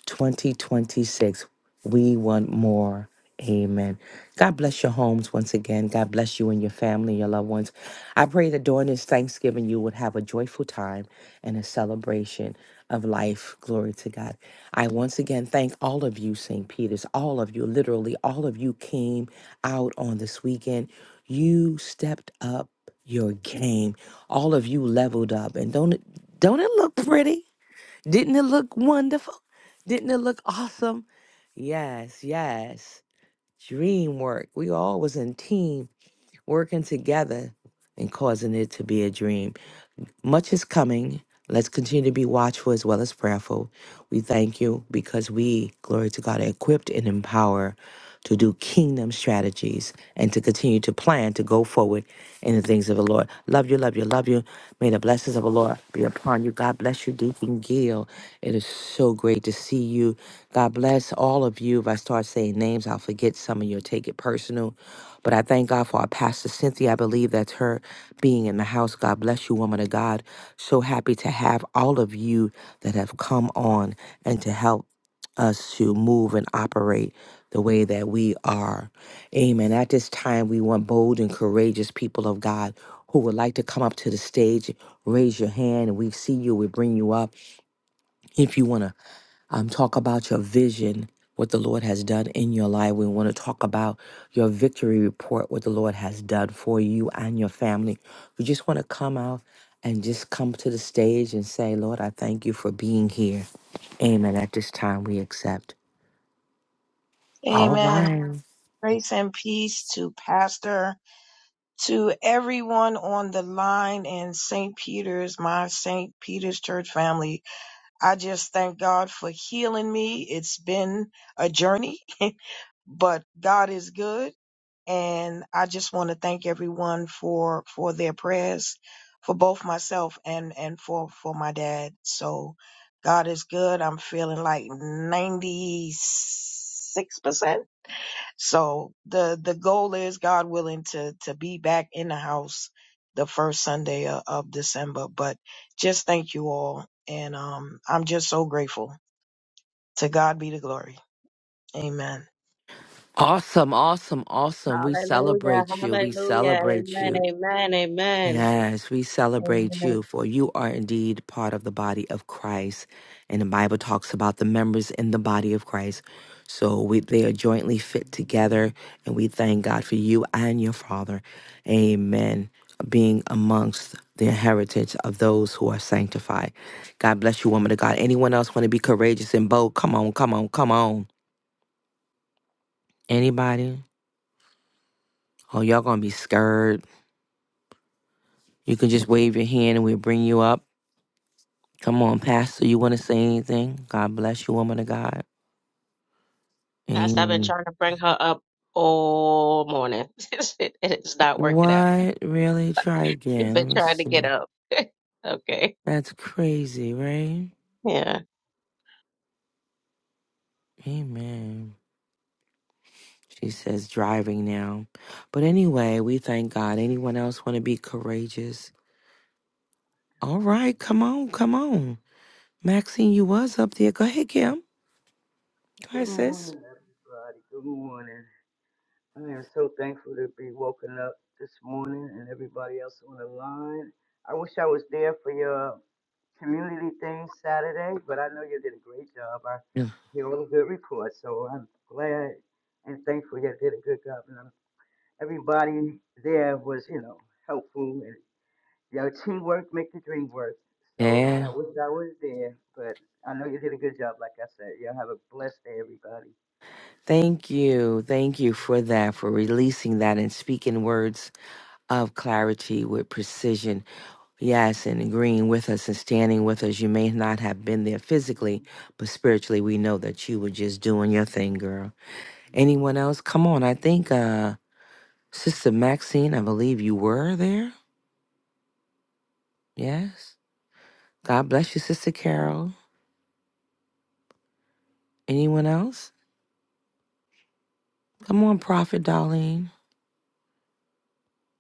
S2: 2026. We want more. Amen. God bless your homes once again. God bless you and your family, your loved ones. I pray that during this Thanksgiving, you would have a joyful time and a celebration of life. Glory to God. I once again thank all of you, St. Peter's, all of you, literally, all of you came out on this weekend. You stepped up your game. All of you leveled up. And don't it, don't it look pretty? Didn't it look wonderful? Didn't it look awesome? Yes, yes. Dream work. We all was in team working together and causing it to be a dream. Much is coming. Let's continue to be watchful as well as prayerful. We thank you because we, glory to God, are equipped and empowered to do kingdom strategies and to continue to plan to go forward in the things of the Lord. Love you, love you, love you. May the blessings of the Lord be upon you. God bless you, Deacon Gill. It is so great to see you. God bless all of you. If I start saying names, I'll forget some of you. Take it personal. But I thank God for our pastor, Cynthia. I believe that's her being in the house. God bless you, woman of God. So happy to have all of you that have come on and to help us to move and operate the way that we are. Amen. At this time, we want bold and courageous people of God who would like to come up to the stage. Raise your hand and we see you. We bring you up. If you want to um, talk about your vision, what the Lord has done in your life, we want to talk about your victory report, what the Lord has done for you and your family. We just want to come out and just come to the stage and say, Lord, I thank you for being here. Amen. At this time, we accept. All
S5: Amen.
S2: right.
S5: Grace and peace to Pastor, to everyone on the line in St. Peter's, my St. Peter's Church family. I just thank God for healing me. It's been a journey, but God is good. And I just want to thank everyone for, for their prayers for both myself and, and for, for my dad. So God is good. I'm feeling like 96%. So the the goal is, God willing, to to be back in the house the first Sunday of, of December. But just thank you all, and um, I'm just so grateful. To God be the glory. Amen.
S2: Awesome, awesome, awesome. We
S1: Hallelujah,
S2: celebrate you. We
S1: hallelujah,
S2: celebrate
S1: amen,
S2: you.
S1: amen, amen.
S2: Yes, we celebrate you,
S1: Amen.
S2: for you are indeed part of the body of Christ. And the Bible talks about the members in the body of Christ. So we, they are jointly fit together. And we thank God for you and your Father. Amen. Being amongst the heritage of those who are sanctified. God bless you, woman of God. Anyone else want to be courageous and bold? Come on, come on, come on. Anybody? Oh, y'all gonna be scared. You can just wave your hand and we'll bring you up. Come on, Pastor. You wanna say anything? God bless you, woman of God.
S1: Pastor, I've been
S2: Amen.
S1: trying to bring her up all morning. It is not working out.
S2: What? Really? Try
S1: She's
S2: again. Let
S1: been
S2: me
S1: trying to get
S2: see.
S1: up. Okay,
S2: That's crazy, right?
S1: yeah.
S2: Amen. She says driving now. But anyway, we thank God. Anyone else wanna be courageous? All right, come on, come on. Maxine, you was up there. Go ahead, Kim. Go
S6: Good
S2: ahead, sis.
S6: morning, everybody. Good morning. I am so thankful to be woken up this morning and everybody else on the line. I wish I was there for your community thing Saturday, but I know you did a great job. I hear all the good reports, so I'm glad and thankful you did a good job. And I'm- everybody there was, you know, helpful and your teamwork make the dream work. So
S2: Yeah.
S6: I wish I was there, but I know you did a good job, like I said. Y'all have a blessed day, everybody.
S2: Thank you. Thank you for that, for releasing that and speaking words of clarity with precision. Yes, and agreeing with us and standing with us. You may not have been there physically, but spiritually, we know that you were just doing your thing, girl.
S6: Mm.
S2: Anyone else? Come on. I think uh, Sister Maxine, I believe you were there. Yes. God bless you, Sister Carol. Anyone else? Come on, Prophet Darlene.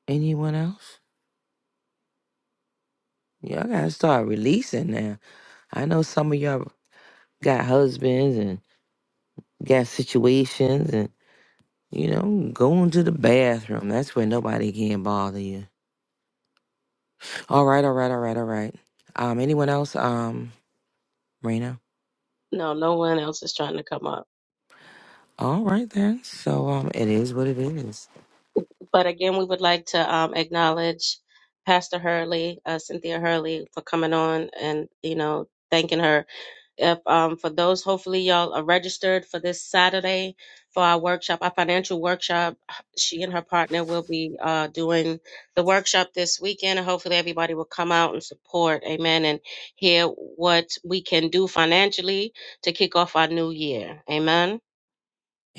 S2: Anyone else? Y'all gotta start releasing now. I know some of y'all. got husbands and got situations and you know going to the bathroom that's where nobody can bother you all right all right all right all right um anyone else um marina
S1: No, no one else is trying to come up.
S2: all right then so um it is what it is
S1: But again, we would like to um, acknowledge Pastor Hurley, uh, Cynthia Hurley, for coming on and you know thanking her. If um, for those, hopefully y'all are registered for this Saturday for our workshop, our financial workshop. She and her partner will be uh, doing the workshop this weekend, and hopefully everybody will come out and support. Amen, and hear what we can do financially to kick off our new year. Amen.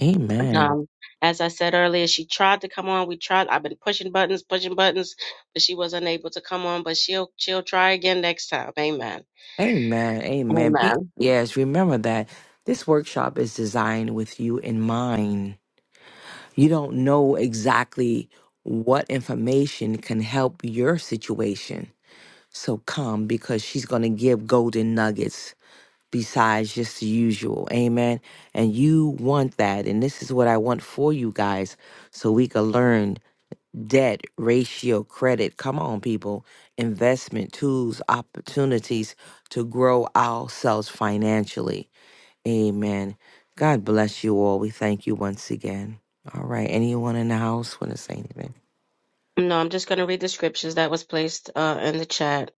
S2: amen
S1: Um, as I said earlier, she tried to come on. We tried. I've been pushing buttons, pushing buttons, but she was unable to come on. But she'll she'll try again next time. Amen.
S2: amen amen Be-
S1: Amen.
S2: yes remember that this workshop is designed with you in mind you don't know exactly what information can help your situation So come because she's going to give golden nuggets besides just the usual. Amen. And you want that. And this is what I want for you guys so we can learn debt, ratio, credit. Come on, people. Investment tools, opportunities to grow ourselves financially. Amen. God bless you all. We thank you once again. All right. Anyone in the house want to say anything?
S1: No, I'm just going to read the scriptures that was placed uh, in the chat.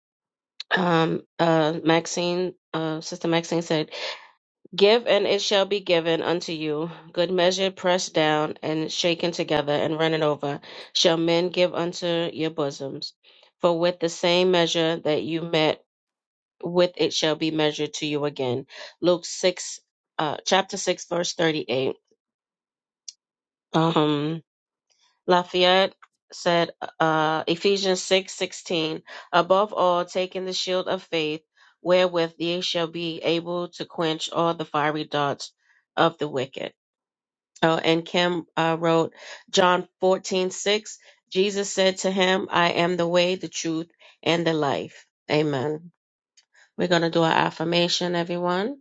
S1: Um, uh, Maxine, uh, Sister Maxine said, "Give and it shall be given unto you. Good measure, pressed down and shaken together and running over, shall men give unto your bosoms. For with the same measure that you met." with it shall be measured to you again. Luke 6, uh, chapter 6, verse 38. Um, Lafayette said, uh, Ephesians 6 16. above all, taking the shield of faith, wherewith ye shall be able to quench all the fiery darts of the wicked. Oh, and Kim uh, wrote John 14 6. Jesus said to him, I am the way, the truth, and the life. Amen. We're going to do our affirmation, everyone.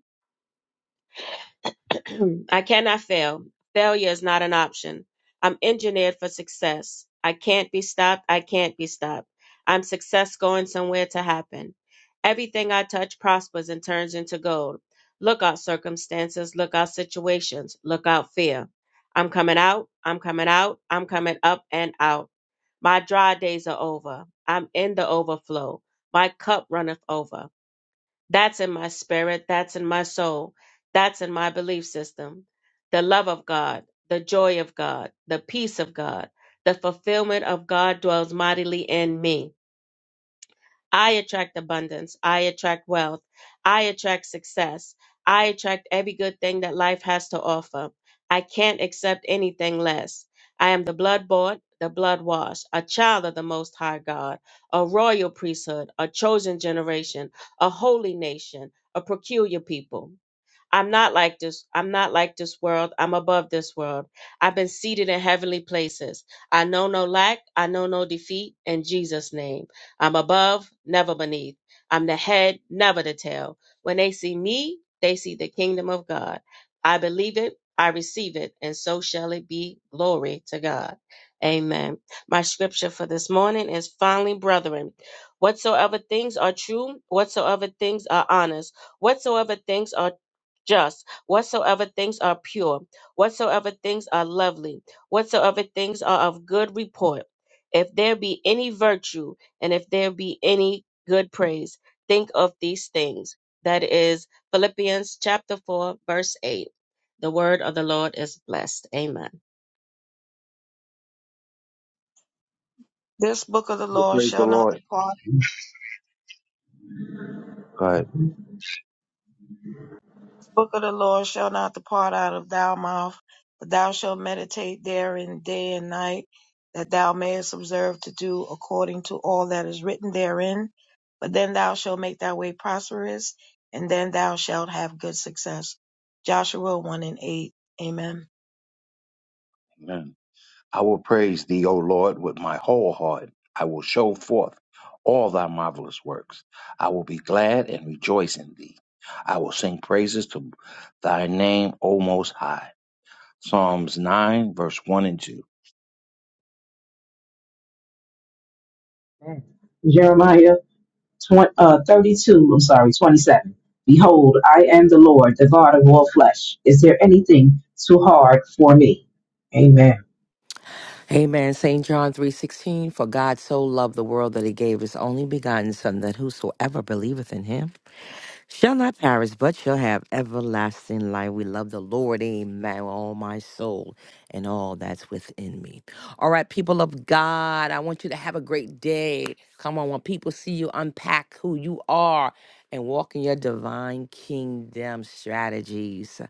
S1: I cannot fail. Failure is not an option. I'm engineered for success. I can't be stopped. I can't be stopped. I'm success going somewhere to happen. Everything I touch prospers and turns into gold. Look out circumstances, look out situations, look out fear. I'm coming out, I'm coming out, I'm coming up and out. My dry days are over. I'm in the overflow. My cup runneth over. That's in my spirit. That's in my soul. That's in my belief system. The love of God, the joy of God, the peace of God, the fulfillment of God dwells mightily in me. I attract abundance. I attract wealth. I attract success. I attract every good thing that life has to offer. I can't accept anything less. I am the blood bought, the blood washed, a child of the Most High God, a royal priesthood, a chosen generation, a holy nation, a peculiar people. I'm not like this. I'm not like this world. I'm above this world. I've been seated in heavenly places. I know no lack. I know no defeat. In Jesus' name, I'm above, never beneath. I'm the head, never the tail. When they see me, they see the kingdom of God. I believe it. I receive it. And so shall it be. Glory to God. Amen. My scripture for this morning is finally, brethren, whatsoever things are true, whatsoever things are honest, whatsoever things are just, whatsoever things are pure, whatsoever things are lovely, whatsoever things are of good report, if there be any virtue, and if there be any good praise, think of these things. That is Philippians chapter 4, verse 8. The word of the Lord is blessed. Amen.
S5: This book of the law
S3: Praise the
S5: shall not
S3: Lord.
S5: depart.
S3: Go ahead.
S5: book of the Lord shall not depart out of thy mouth, but thou shalt meditate therein day and night, that thou mayest observe to do according to all that is written therein. But then thou shalt make thy way prosperous, and then thou shalt have good success. Joshua 1 and 8. Amen.
S3: Amen. I will praise thee, O Lord, with my whole heart. I will show forth all thy marvelous works. I will be glad and rejoice in thee. I will sing praises to thy name, O Most High. Psalms 9, verse 1 and 2.
S4: Amen. Jeremiah 20, uh, 32, I'm sorry, 27. Behold, I am the Lord, the God of all flesh. Is there anything too hard for me? Amen.
S2: Amen. St. John 3.16, For God so loved the world that he gave his only begotten Son, that whosoever believeth in him shall not perish, but shall have everlasting life. We love the Lord, amen, with all my soul and all that's within me. All right, people of God, I want you to have a great day. Come on, when people see you, unpack who you are and walk in your divine kingdom strategies.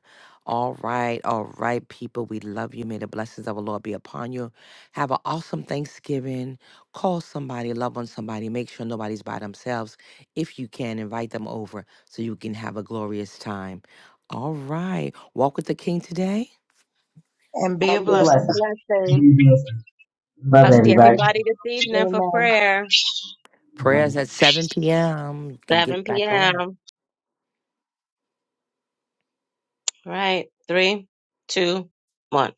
S2: All right, all right, people, we love you. May the blessings of the Lord be upon you. Have an awesome Thanksgiving. Call somebody, love on somebody, make sure nobody's by themselves. If you can, invite them over so you can have a glorious time. All right. Walk with the King today.
S5: And be a
S1: And be
S4: Your
S1: a
S5: blessing.
S4: blessings.
S1: blessing.
S4: Love
S1: I'll see
S4: everybody.
S1: everybody this evening for
S5: Amen.
S1: prayer,
S2: Prayers at 7 p.m. You can
S1: 7
S2: get back
S1: p.m.
S2: on.
S1: All Right, three, two, one.